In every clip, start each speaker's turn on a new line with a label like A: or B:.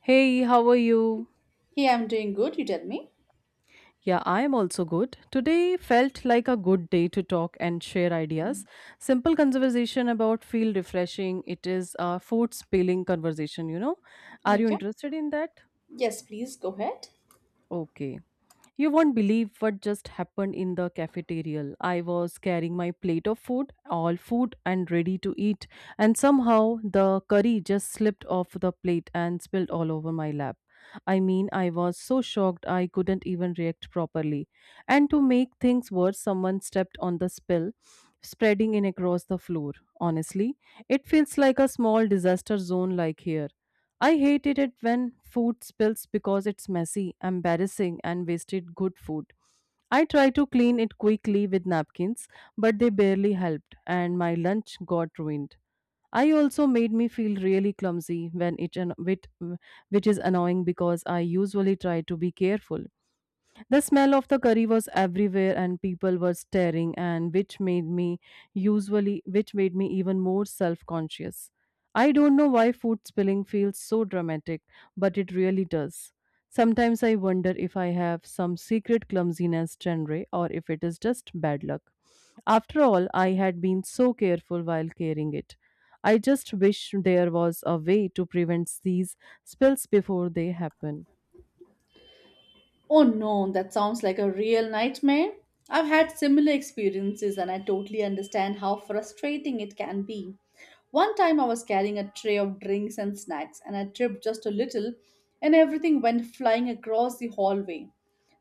A: Hey, how are you?
B: Hey, I'm doing good. You tell me.
A: Yeah, I am also good. Today felt like a good day to talk and share ideas. Simple conversation about feel refreshing. It is a food spilling conversation, you know. Are you
B: Okay.
A: interested in that?
B: Yes, please go ahead.
A: Okay. You won't believe what just happened in the cafeteria. I was carrying my plate of food, all food and ready to eat, and somehow the curry just slipped off the plate and spilled all over my lap. I mean, I was so shocked I couldn't even react properly. And to make things worse, someone stepped on the spill, spreading it across the floor. Honestly, it feels like a small disaster zone like here. I hated it when food spills because it's messy, embarrassing, and wasted good food. I tried to clean it quickly with napkins, but they barely helped, and my lunch got ruined. I also made me feel really clumsy when it, which is annoying because I usually try to be careful. The smell of the curry was everywhere and people were staring and which made me usually which made me even more self-conscious. I don't know why food spilling feels so dramatic, but it really does. Sometimes I wonder if I have some secret clumsiness genre or if it is just bad luck. After all, I had been so careful while carrying it. I just wish there was a way to prevent these spills before they happen.
B: Oh no, that sounds like a real nightmare. I've had similar experiences and I totally understand how frustrating it can be. One time I was carrying a tray of drinks and snacks and I tripped just a little and everything went flying across the hallway.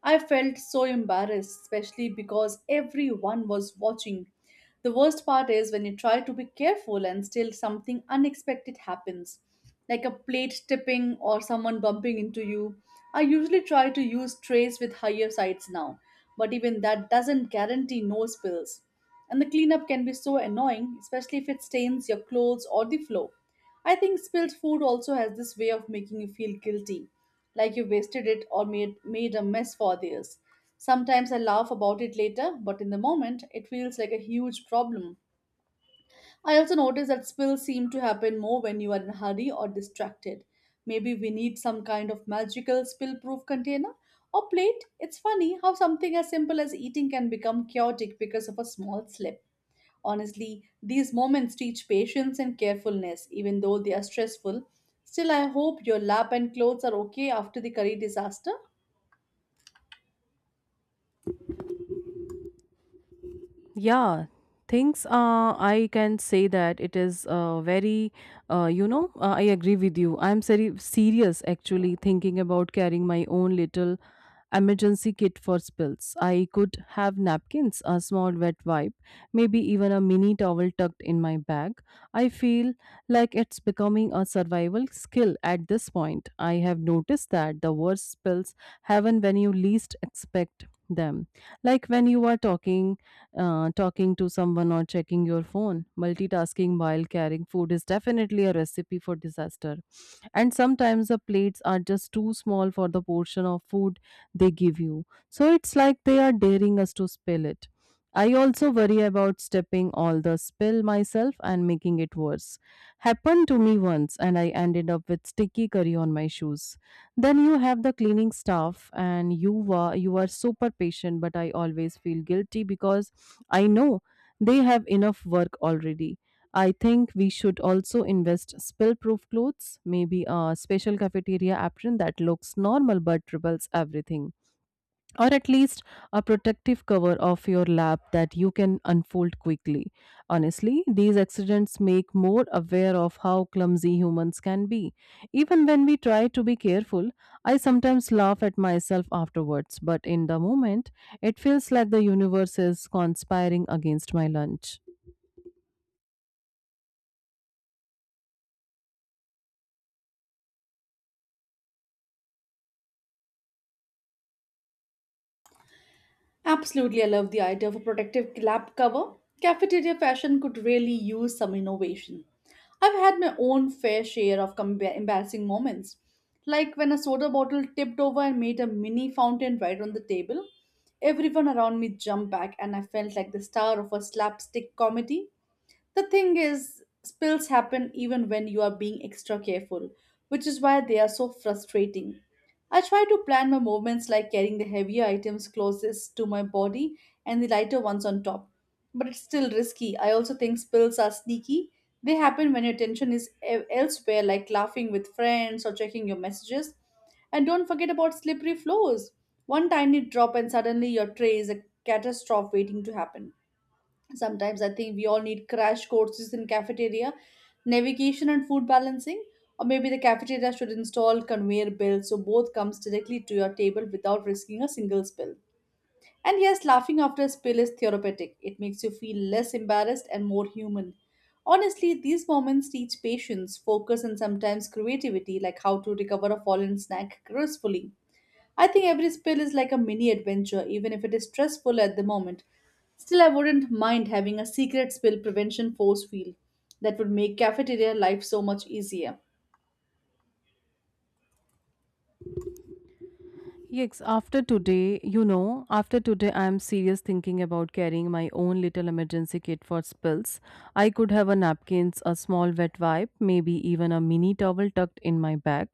B: I felt so embarrassed, especially because everyone was watching. The worst part is when you try to be careful and still something unexpected happens, like a plate tipping or someone bumping into you. I usually try to use trays with higher sides now, but even that doesn't guarantee no spills. And the cleanup can be so annoying, especially if it stains your clothes or the floor. I think spilled food also has this way of making you feel guilty like you wasted it or made a mess for others. Sometimes I laugh about it later, but in the moment, it feels like a huge problem. I also notice that spills seem to happen more when you are in a hurry or distracted. Maybe we need some kind of magical spill proof container or plate. It's funny how something as simple as eating can become chaotic because of a small slip. Honestly, these moments teach patience and carefulness, even though they are stressful. Still, I hope your lap and clothes are okay after the curry disaster.
A: Yeah, things, I can say that it is very, I agree with you. I'm serious, actually thinking about carrying my own little emergency kit for spills. I could have napkins, a small wet wipe, maybe even a mini towel tucked in my bag. I feel like it's becoming a survival skill at this point. I have noticed that the worst spills happen when you least expect them, like when you are talking to someone or checking your phone. Multitasking while carrying food is definitely a recipe for disaster. And sometimes the plates are just too small for the portion of food they give you. So it's like they are daring us to spill it. I also worry about stepping all the spill myself and making it worse. Happened to me once and I ended up with sticky curry on my shoes. Then you have the cleaning staff, and you are super patient, but I always feel guilty because I know they have enough work already. I think we should also invest spill-proof clothes, maybe a special cafeteria apron that looks normal but repels everything, or at least a protective cover of your lap that you can unfold quickly. Honestly, these accidents make more aware of how clumsy humans can be. Even when we try to be careful, I sometimes laugh at myself afterwards, but in the moment, it feels like the universe is conspiring against my lunch.
B: Absolutely, I love the idea of a protective lab cover. Cafeteria fashion could really use some innovation. I've had my own fair share of embarrassing moments, like when a soda bottle tipped over and made a mini fountain right on the table. Everyone around me jumped back, and I felt like the star of a slapstick comedy. The thing is, spills happen even when you are being extra careful, which is why they are so frustrating. I try to plan my movements like carrying the heavier items closest to my body and the lighter ones on top. But it's still risky. I also think spills are sneaky. They happen when your attention is elsewhere, like laughing with friends or checking your messages. And don't forget about slippery floors. One tiny drop, and suddenly your tray is a catastrophe waiting to happen. Sometimes I think we all need crash courses in cafeteria, navigation and food balancing, or maybe the cafeteria should install conveyor belts so both comes directly to your table without risking a single spill. And yes, laughing after a spill is therapeutic. It makes you feel less embarrassed and more human. Honestly, these moments teach patience, focus, and sometimes creativity, like how to recover a fallen snack gracefully. I think every spill is like a mini adventure, even if it is stressful at the moment. Still, I wouldn't mind having a secret spill prevention force field that would make cafeteria life so much easier.
A: Yes, after today, you know, after today, I am serious thinking about carrying my own little emergency kit for spills. I could have a napkins, a small wet wipe, maybe even a mini towel tucked in my bag.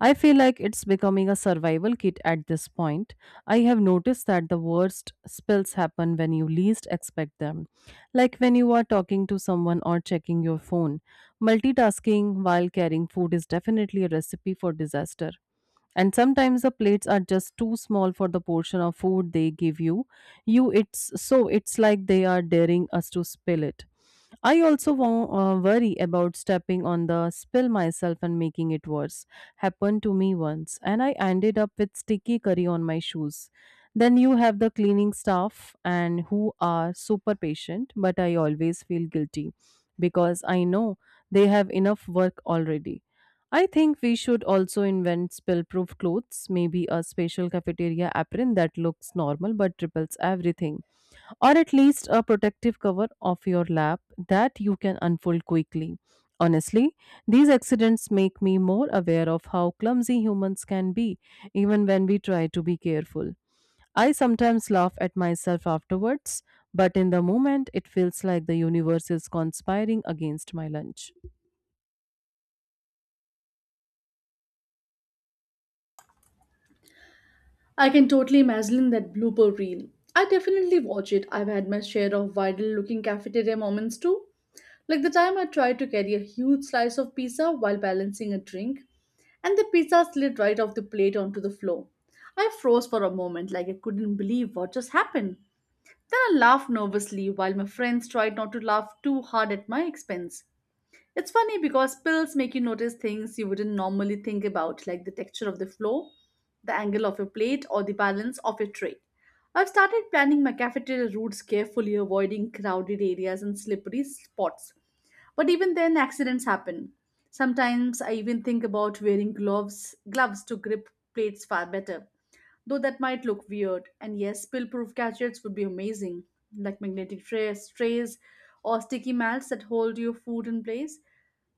A: I feel like it's becoming a survival kit at this point. I have noticed that the worst spills happen when you least expect them, like when you are talking to someone or checking your phone. Multitasking while carrying food is definitely a recipe for disaster, and sometimes the plates are just too small for the portion of food they give you. It's it's like they are daring us to spill it. I also worry about stepping on the spill myself and making it worse. Happened to me once, and I ended up with sticky curry on my shoes. Then you have the cleaning staff and who are super patient, but I always feel guilty because I know they have enough work already. I think we should also invent spill-proof clothes, maybe a special cafeteria apron that looks normal but repels everything, or at least a protective cover of your lap that you can unfold quickly. Honestly, these accidents make me more aware of how clumsy humans can be, even when we try to be careful. I sometimes laugh at myself afterwards, but in the moment it feels like the universe is conspiring against my lunch.
B: I can totally imagine that blooper reel. I definitely watch it. I've had my share of viral looking cafeteria moments too. Like the time I tried to carry a huge slice of pizza while balancing a drink, and the pizza slid right off the plate onto the floor. I froze for a moment, like I couldn't believe what just happened. Then I laughed nervously while my friends tried not to laugh too hard at my expense. It's funny because pills make you notice things you wouldn't normally think about, like the texture of the floor, the angle of your plate, or the balance of your tray. I've started planning my cafeteria routes carefully, avoiding crowded areas and slippery spots. But even then, accidents happen. Sometimes I even think about wearing gloves to grip plates far better, though that might look weird. And yes, spill-proof gadgets would be amazing, like magnetic trays or sticky mats that hold your food in place.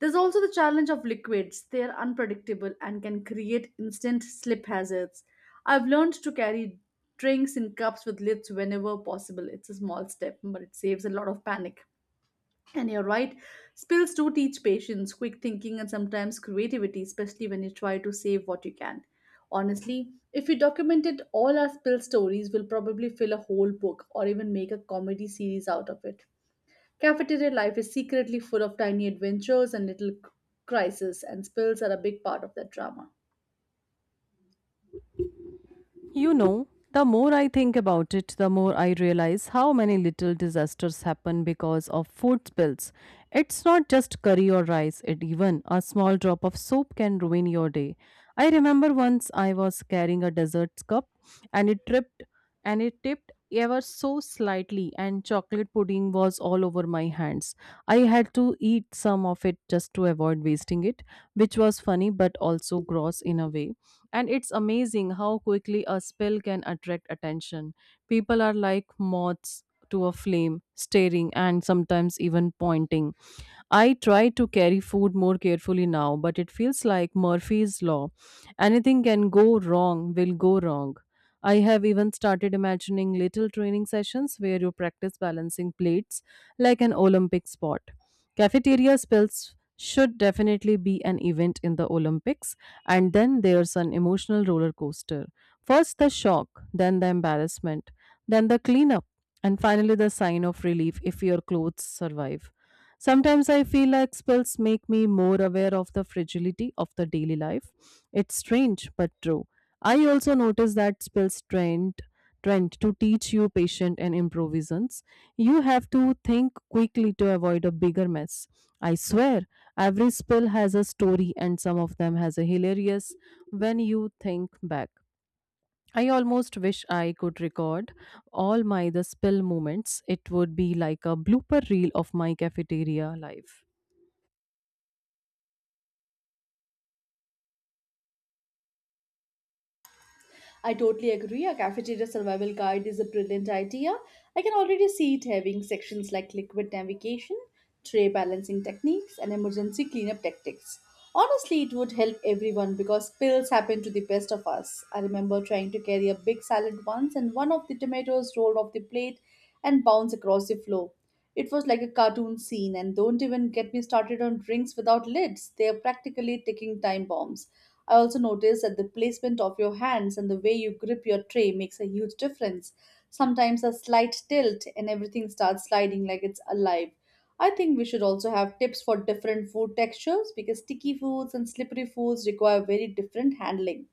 B: There's also the challenge of liquids. They are unpredictable and can create instant slip hazards. I've learned to carry drinks in cups with lids whenever possible. It's a small step, but it saves a lot of panic. And you're right, spills do teach patience, quick thinking, and sometimes creativity, especially when you try to save what you can. Honestly, if we documented all our spill stories, we'll probably fill a whole book or even make a comedy series out of it. Cafeteria life is secretly full of tiny adventures and little crises, and spills are a big part of that drama.
A: You know, the more I think about it, the more I realize how many little disasters happen because of food spills. It's not just curry or rice, it even a small drop of soap can ruin your day. I remember once I was carrying a dessert cup and it tripped and it tipped ever so slightly and chocolate pudding was all over my hands. I had to eat some of it just to avoid wasting it, which was funny but also gross in a way. And it's amazing how quickly a spill can attract attention. People are like moths to a flame, staring and sometimes even pointing. I try to carry food more carefully now, but it feels like Murphy's Law. Anything can go wrong, will go wrong. I have even started imagining little training sessions where you practice balancing plates like an Olympic sport. Cafeteria spills should definitely be an event in the Olympics, and then there's an emotional roller coaster. First the shock, then the embarrassment, then the cleanup, and finally the sign of relief if your clothes survive. Sometimes I feel like spells make me more aware of the fragility of the daily life. It's strange but true. I also notice that spells trend to teach you patience and improvisations. You have to think quickly to avoid a bigger mess. I swear, every spell has a story and some of them has a hilarious when you think back. I almost wish I could record all my the spill moments. It would be like a blooper reel of my cafeteria life.
B: I totally agree. A cafeteria survival guide is a brilliant idea. I can already see it having sections like liquid navigation, tray balancing techniques, and emergency cleanup tactics. Honestly, it would help everyone because spills happen to the best of us. I remember trying to carry a big salad once, and one of the tomatoes rolled off the plate and bounced across the floor. It was like a cartoon scene, and don't even get me started on drinks without lids. They are practically ticking time bombs. I also noticed that the placement of your hands and the way you grip your tray makes a huge difference. Sometimes a slight tilt and everything starts sliding like it's alive. I think we should also have tips for different food textures because sticky foods and slippery foods require very different handling.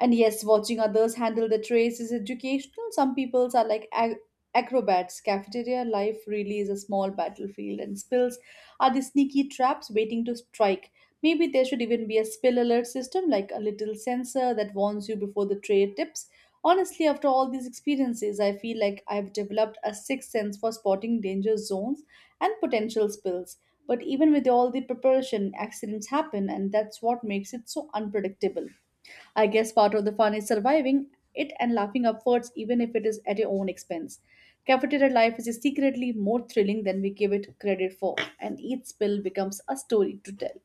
B: And yes, watching others handle the trays is educational. Some peoples are like acrobats. Cafeteria life really is a small battlefield, and spills are the sneaky traps waiting to strike. Maybe there should even be a spill alert system, like a little sensor that warns you before the tray tips. Honestly, after all these experiences, I feel like I've developed a sixth sense for spotting danger zones and potential spills. But even with all the preparation, accidents happen, and that's what makes it so unpredictable. I guess part of the fun is surviving it and laughing upwards, even if it is at your own expense. Cafeteria life is secretly more thrilling than we give it credit for, and each spill becomes a story to tell.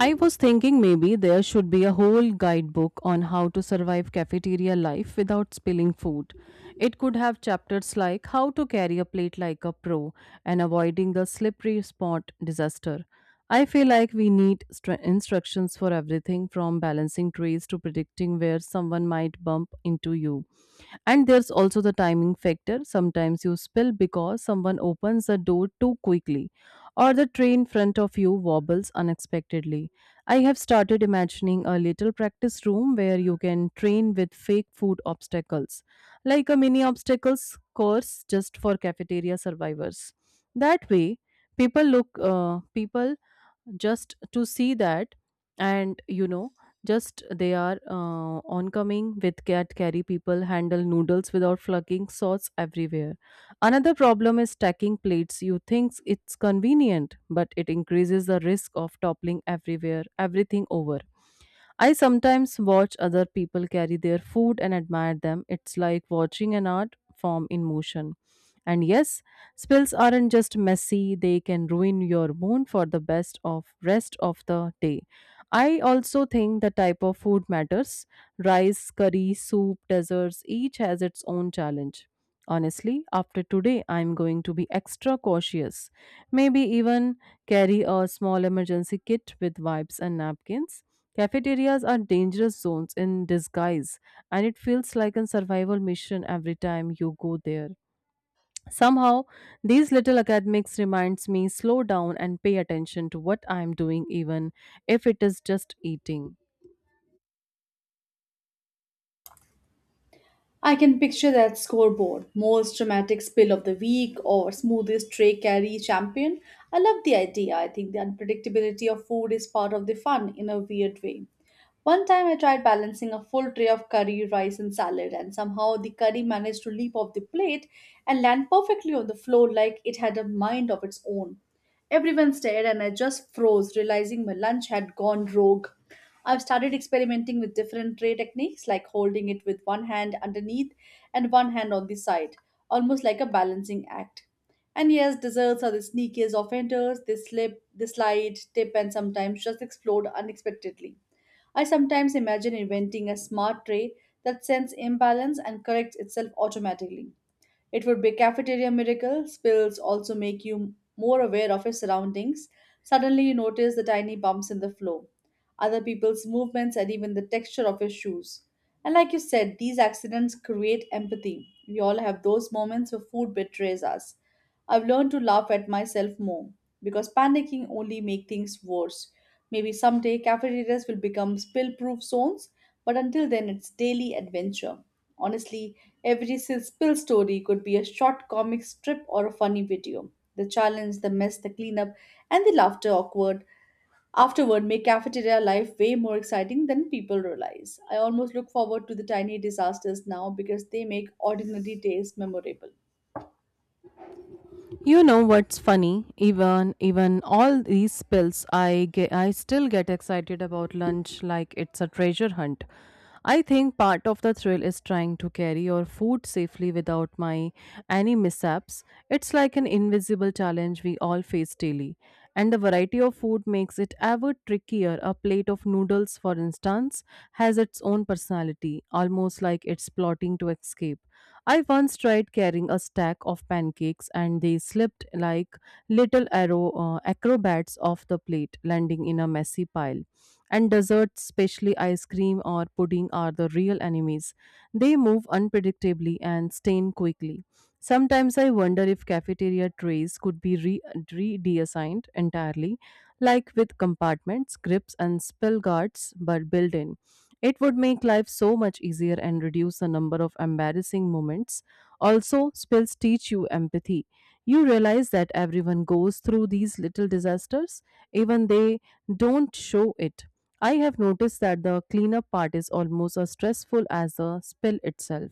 A: I was thinking maybe there should be a whole guidebook on how to survive cafeteria life without spilling food. It could have chapters like how to carry a plate like a pro and avoiding the slippery spot disaster. I feel like we need instructions for everything from balancing trays to predicting where someone might bump into you. And there's also the timing factor. Sometimes you spill because someone opens the door too quickly or the tray in front of you wobbles unexpectedly. I have started imagining a little practice room where you can train with fake food obstacles, like a mini obstacles course just for cafeteria survivors. That way, people just to see that and you know just they are oncoming with cat carry people handle noodles without flucking sauce everywhere. Another problem is stacking plates. You think it's convenient but it increases the risk of toppling everywhere everything over. I sometimes watch other people carry their food and admire them. It's like watching an art form in motion. And yes, spills aren't just messy, they can ruin your mood for the best of rest of the day. I also think the type of food matters. Rice, curry, soup, desserts, each has its own challenge. Honestly, after today, I'm going to be extra cautious. Maybe even carry a small emergency kit with wipes and napkins. Cafeterias are dangerous zones in disguise, and it feels like a survival mission every time you go there. Somehow, these little academics reminds me slow down and pay attention to what I'm doing even if it is just eating.
B: I can picture that scoreboard. Most dramatic spill of the week or smoothest tray carry champion. I love the idea. I think the unpredictability of food is part of the fun in a weird way. One time I tried balancing a full tray of curry, rice, and salad, and somehow the curry managed to leap off the plate and land perfectly on the floor like it had a mind of its own. Everyone stared, and I just froze, realizing my lunch had gone rogue. I've started experimenting with different tray techniques, like holding it with one hand underneath and one hand on the side, almost like a balancing act. And yes, desserts are the sneakiest offenders. They slip, they slide, tip, and sometimes just explode unexpectedly. I sometimes imagine inventing a smart tray that senses imbalance and corrects itself automatically. It would be cafeteria miracle. Spills also make you more aware of your surroundings. Suddenly you notice the tiny bumps in the floor, other people's movements and even the texture of your shoes. And like you said, these accidents create empathy. We all have those moments where food betrays us. I've learned to laugh at myself more because panicking only makes things worse. Maybe someday cafeterias will become spill proof zones, but until then, it's daily adventure. Honestly, every spill story could be a short comic strip or a funny video. The challenge, the mess, the cleanup, and the laughter awkward afterward make cafeteria life way more exciting than people realize. I almost look forward to the tiny disasters now because they make ordinary days memorable.
A: You know what's funny? Even all these spills, I still get excited about lunch like it's a treasure hunt. I think part of the thrill is trying to carry your food safely without my any mishaps. It's like an invisible challenge we all face daily. And the variety of food makes it ever trickier. A plate of noodles, for instance, has its own personality, almost like it's plotting to escape. I once tried carrying a stack of pancakes and they slipped like little arrow acrobats off the plate, landing in a messy pile. And desserts, especially ice cream or pudding, are the real enemies. They move unpredictably and stain quickly. Sometimes I wonder if cafeteria trays could be redeassigned entirely, like with compartments, grips, and spill guards, but built in. It would make life so much easier and reduce the number of embarrassing moments. Also, spills teach you empathy. You realize that everyone goes through these little disasters, even they don't show it. I have noticed that the cleanup part is almost as stressful as the spill itself,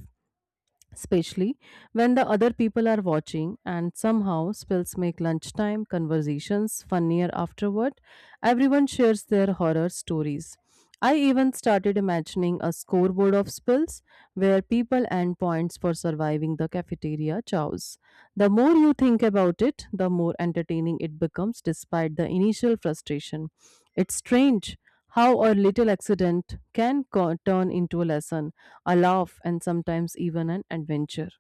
A: especially when the other people are watching. And somehow spills make lunchtime conversations funnier afterward. Everyone shares their horror stories. I even started imagining a scoreboard of spills where people earn points for surviving the cafeteria chows. The more you think about it, the more entertaining it becomes despite the initial frustration. It's strange how a little accident can turn into a lesson, a laugh, and sometimes even an adventure.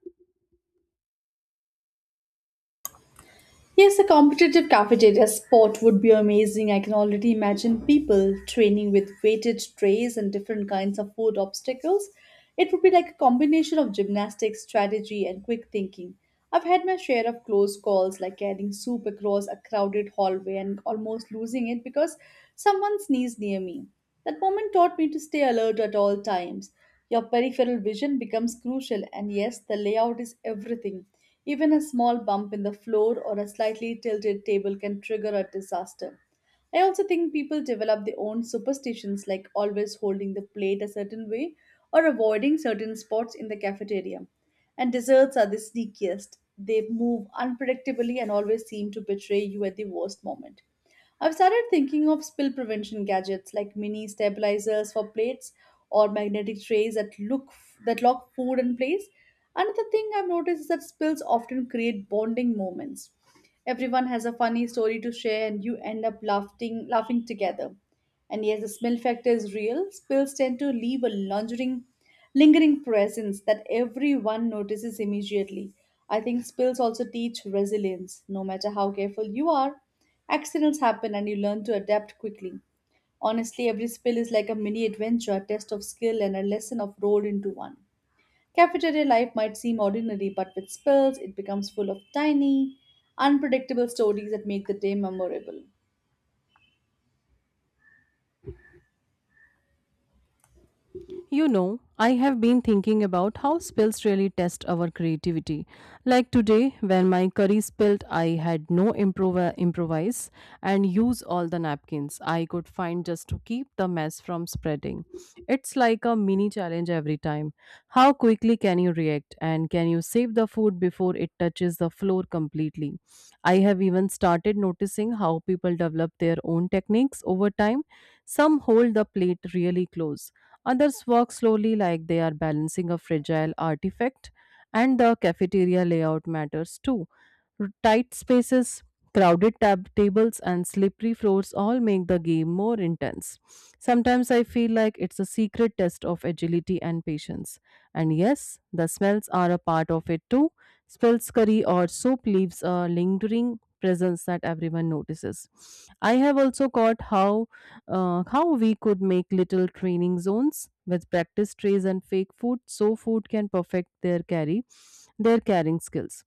B: Yes, a competitive cafeteria sport would be amazing. I can already imagine people training with weighted trays and different kinds of food obstacles. It would be like a combination of gymnastics, strategy, and quick thinking. I've had my share of close calls, like carrying soup across a crowded hallway and almost losing it because someone sneezed near me. That moment taught me to stay alert at all times. Your peripheral vision becomes crucial, and yes, the layout is everything. Even a small bump in the floor or a slightly tilted table can trigger a disaster. I also think people develop their own superstitions like always holding the plate a certain way or avoiding certain spots in the cafeteria. And desserts are the sneakiest. They move unpredictably and always seem to betray you at the worst moment. I've started thinking of spill prevention gadgets like mini stabilizers for plates or magnetic trays that look that lock food in place. Another thing I've noticed is that spills often create bonding moments. Everyone has a funny story to share and you end up laughing together. And yes, the smell factor is real. Spills tend to leave a lingering presence that everyone notices immediately. I think spills also teach resilience. No matter how careful you are, accidents happen and you learn to adapt quickly. Honestly, every spill is like a mini adventure, a test of skill, and a lesson of rolled into one. Cafeteria life might seem ordinary, but with spills, it becomes full of tiny, unpredictable stories that make the day memorable.
A: You know, I have been thinking about how spills really test our creativity. Like today, when my curry spilled, I had no improvise and use all the napkins I could find just to keep the mess from spreading. It's like a mini challenge every time. How quickly can you react, and can you save the food before it touches the floor completely? I have even started noticing how people develop their own techniques over time. Some hold the plate really close. Others work slowly, like they are balancing a fragile artifact, and the cafeteria layout matters too. Tight spaces, crowded tables, and slippery floors all make the game more intense. Sometimes I feel like it's a secret test of agility and patience. And yes, the smells are a part of it too. Spills curry or soup leaves a lingering presence that everyone notices. I have also caught how we could make little training zones with practice trays and fake food so food can perfect their carry their carrying skills.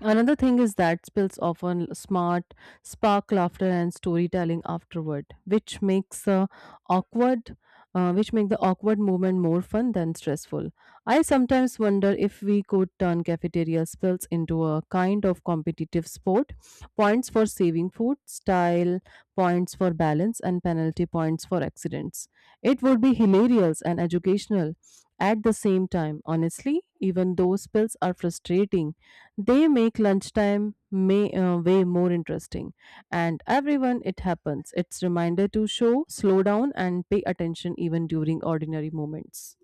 A: Another thing is that spills often spark laughter and storytelling afterward, which makes awkward, which make the awkward moment more fun than stressful. I sometimes wonder if we could turn cafeteria spills into a kind of competitive sport. Points for saving food, style points for balance, and penalty points for accidents. It would be hilarious and educational at the same time. Honestly, even though spills are frustrating, they make lunchtime way more interesting. And everyone, it happens. It's reminder to show, slow down, and pay attention even during ordinary moments.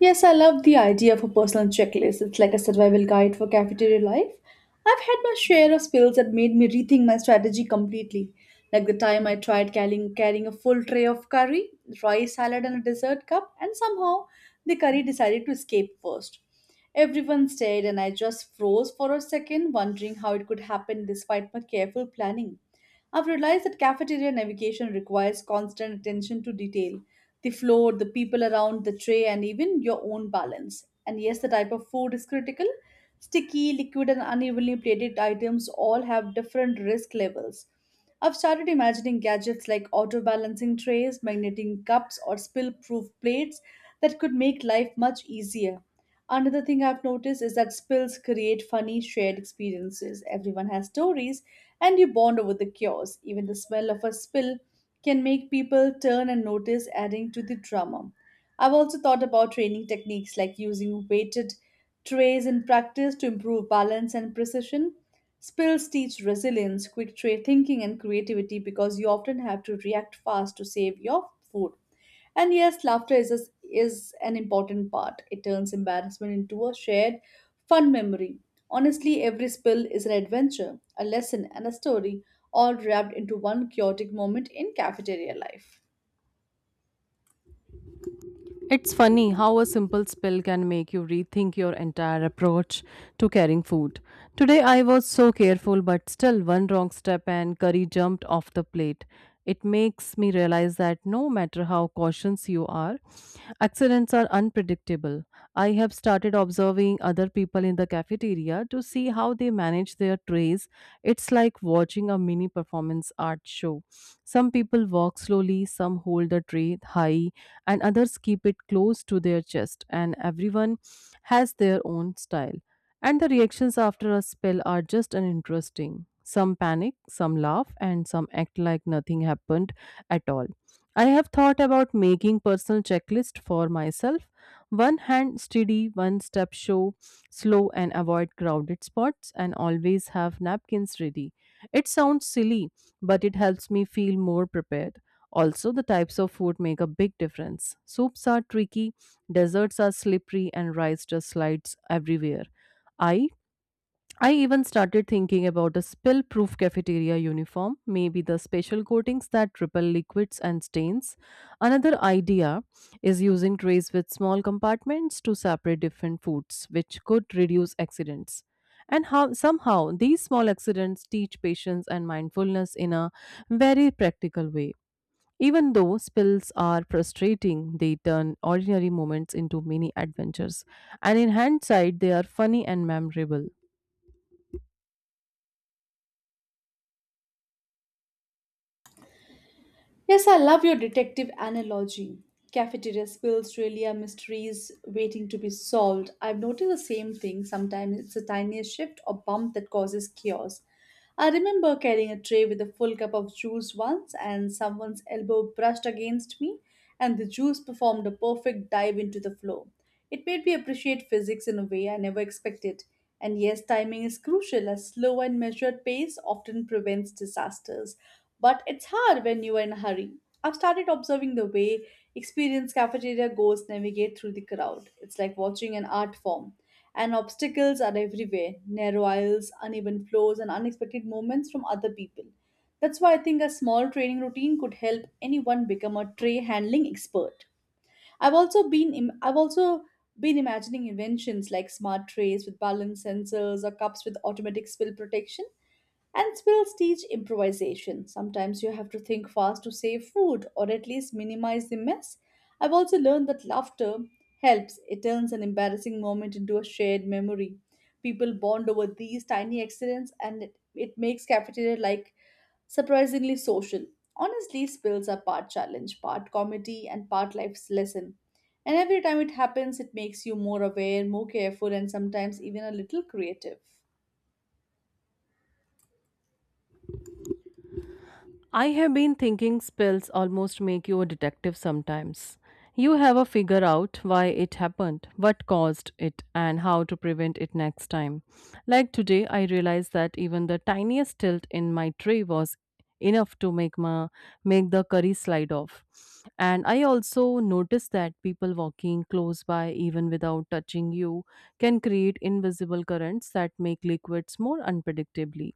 B: Yes, I love the idea of a personal checklist. It's like a survival guide for cafeteria life. I've had my share of spills that made me rethink my strategy completely. Like the time I tried carrying a full tray of curry, rice salad, and a dessert cup, and somehow the curry decided to escape first. Everyone stared, and I just froze for a second, wondering how it could happen despite my careful planning. I've realized that cafeteria navigation requires constant attention to detail, the floor, the people around, the tray, and even your own balance. And yes, the type of food is critical. Sticky, liquid, and unevenly plated items all have different risk levels. I've started imagining gadgets like auto balancing trays, magnetic cups, or spill proof plates that could make life much easier. Another thing I've noticed is that spills create funny shared experiences. Everyone has stories and you bond over the cures. Even the smell of a spill can make people turn and notice, adding to the drama. I've also thought about training techniques like using weighted trays in practice to improve balance and precision. Spills teach resilience, quick tray thinking, and creativity because you often have to react fast to save your food. And yes, laughter is an important part. It turns embarrassment into a shared fun memory. Honestly, every spill is an adventure, a lesson, and a story, all wrapped into one chaotic moment in cafeteria life.
A: It's funny how a simple spill can make you rethink your entire approach to carrying food. Today I was so careful, but still, one wrong step and curry jumped off the plate. It makes me realize that no matter how cautious you are, accidents are unpredictable. I have started observing other people in the cafeteria to see how they manage their trays. It's like watching a mini performance art show. Some people walk slowly, some hold the tray high, and others keep it close to their chest, and everyone has their own style. And the reactions after a spell are just as interesting. Some panic, some laugh, and some act like nothing happened at all. I have thought about making personal checklist for myself. One hand steady, one step show, slow, and avoid crowded spots, and always have napkins ready. It sounds silly, but it helps me feel more prepared. Also, the types of food make a big difference. Soups are tricky, desserts are slippery, and rice just slides everywhere. I I even started thinking about a spill-proof cafeteria uniform, maybe the special coatings that repel liquids and stains. Another idea is using trays with small compartments to separate different foods, which could reduce accidents. And how somehow these small accidents teach patience and mindfulness in a very practical way. Even though spills are frustrating, they turn ordinary moments into mini adventures, and in hindsight, they are funny and memorable.
B: Yes, I love your detective analogy. Cafeteria spills really are mysteries waiting to be solved. I've noticed the same thing. Sometimes it's the tiniest shift or bump that causes chaos. I remember carrying a tray with a full cup of juice once, and someone's elbow brushed against me, and the juice performed a perfect dive into the floor. It made me appreciate physics in a way I never expected. And yes, timing is crucial as slow and measured pace often prevents disasters. But it's hard when you are in a hurry. I've started observing the way experienced cafeteria goers navigate through the crowd. It's like watching an art form. And obstacles are everywhere, narrow aisles, uneven floors, and unexpected moments from other people. That's why I think a small training routine could help anyone become a tray handling expert. I've also been imagining inventions like smart trays with balance sensors or cups with automatic spill protection. And spills teach improvisation. Sometimes you have to think fast to save food or at least minimize the mess. I've also learned that laughter helps. It turns an embarrassing moment into a shared memory. People bond over these tiny accidents and it makes cafeteria like surprisingly social. Honestly, spills are part challenge, part comedy, and part life's lesson. And every time it happens, it makes you more aware, more careful, and sometimes even a little creative.
A: I have been thinking spells almost make you a detective sometimes. You have a figure out why it happened, what caused it, and how to prevent it next time. Like today, I realized that even the tiniest tilt in my tray was enough to make the curry slide off. And I also noticed that people walking close by even without touching you can create invisible currents that make liquids more unpredictably.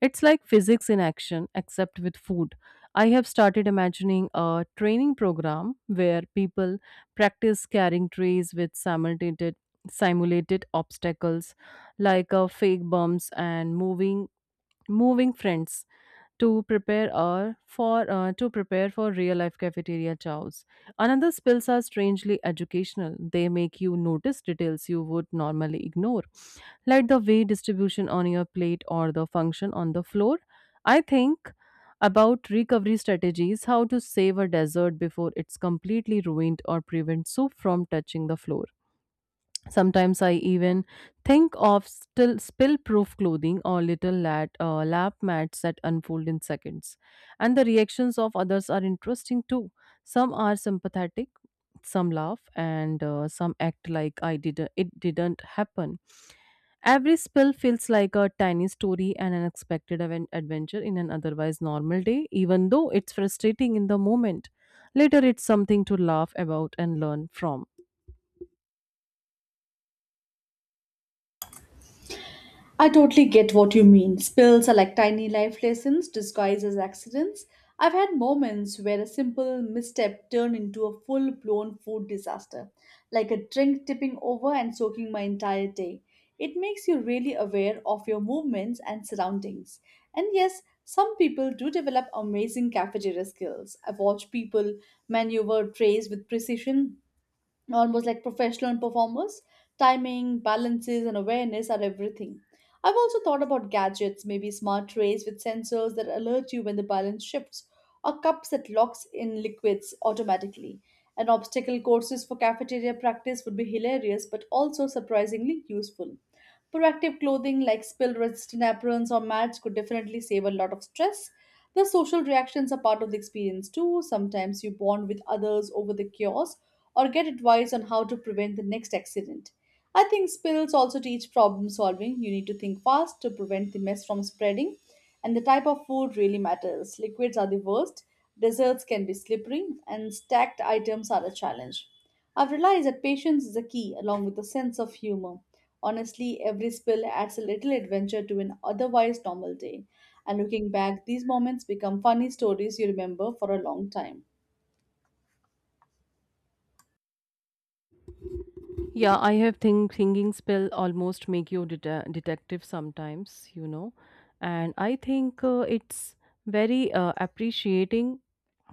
A: It's like physics in action, except with food. I have started imagining a training program where people practice carrying trays with simulated obstacles like fake bumps and moving friends to prepare for to prepare for real life cafeteria chows. Another spills are strangely educational. They make you notice details you would normally ignore, like the weight distribution on your plate or the function on the floor. I think about recovery strategies, how to save a dessert before it's completely ruined or prevent soup from touching the floor. Sometimes I even think of still spill-proof clothing or little lap mats that unfold in seconds. And the reactions of others are interesting too. Some are sympathetic, some laugh, and some act like I didn't. it didn't happen. Every spill feels like a tiny story and an unexpected adventure in an otherwise normal day. Even though it's frustrating in the moment, later, it's something to laugh about and learn from.
B: I totally get what you mean. Spills are like tiny life lessons disguised as accidents. I've had moments where a simple misstep turned into a full blown food disaster, like a drink tipping over and soaking my entire day. It makes you really aware of your movements and surroundings. And yes, some people do develop amazing cafeteria skills. I've watched people maneuver trays with precision almost like professional performers. Timing, balances, and awareness are everything. I've also thought about gadgets, maybe smart trays with sensors that alert you when the balance shifts, or cups that locks in liquids automatically. And obstacle courses for cafeteria practice would be hilarious but also surprisingly useful. Proactive clothing like spill resistant aprons or mats could definitely save a lot of stress. The social reactions are part of the experience too. Sometimes you bond with others over the chaos, or get advice on how to prevent the next accident. I think spills also teach problem solving. You need to think fast to prevent the mess from spreading, and the type of food really matters. Liquids are the worst, desserts can be slippery, and stacked items are a challenge. I've realized that patience is a key along with a sense of humor. Honestly, every spill adds a little adventure to an otherwise normal day. And looking back, these moments become funny stories you remember for a long time.
A: Yeah, I have thinking spell almost make you deta detective sometimes, you know, and I think it's very appreciating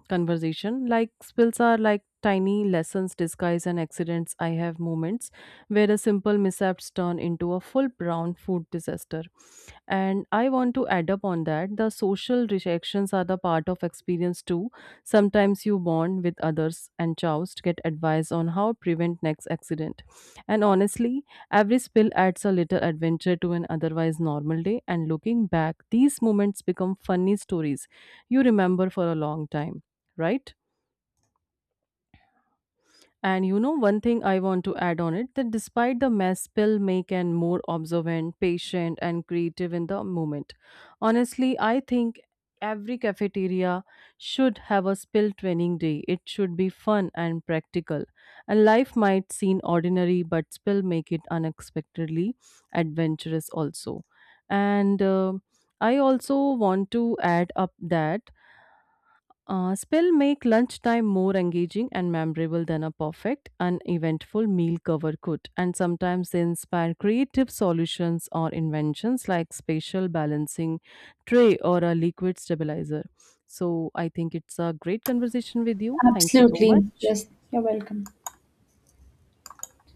A: conversation. Like spills are like tiny lessons disguised and accidents. I have moments where a simple mishaps turn into a full brown food disaster, and I want to add up on that. The social reactions are the part of experience too. Sometimes you bond with others and joust get advice on how prevent next accident. And honestly, every spill adds a little adventure to an otherwise normal day, and looking back, these moments become funny stories you remember for a long time, right? And you know, one thing I want to add on it that despite the mess, pill make and more observant, patient, and creative in the moment. Honestly, I think every cafeteria should have a spill training day. It should be fun and practical. And life might seem ordinary, but spill make it unexpectedly adventurous also. And I also want to add up that spell make lunchtime more engaging and memorable than a perfect, uneventful meal cover could, and sometimes they inspire creative solutions or inventions like spatial balancing tray or a liquid stabilizer. So I think it's a great conversation with you. Thank you so
B: Absolutely.
A: much.
B: Yes, you're welcome.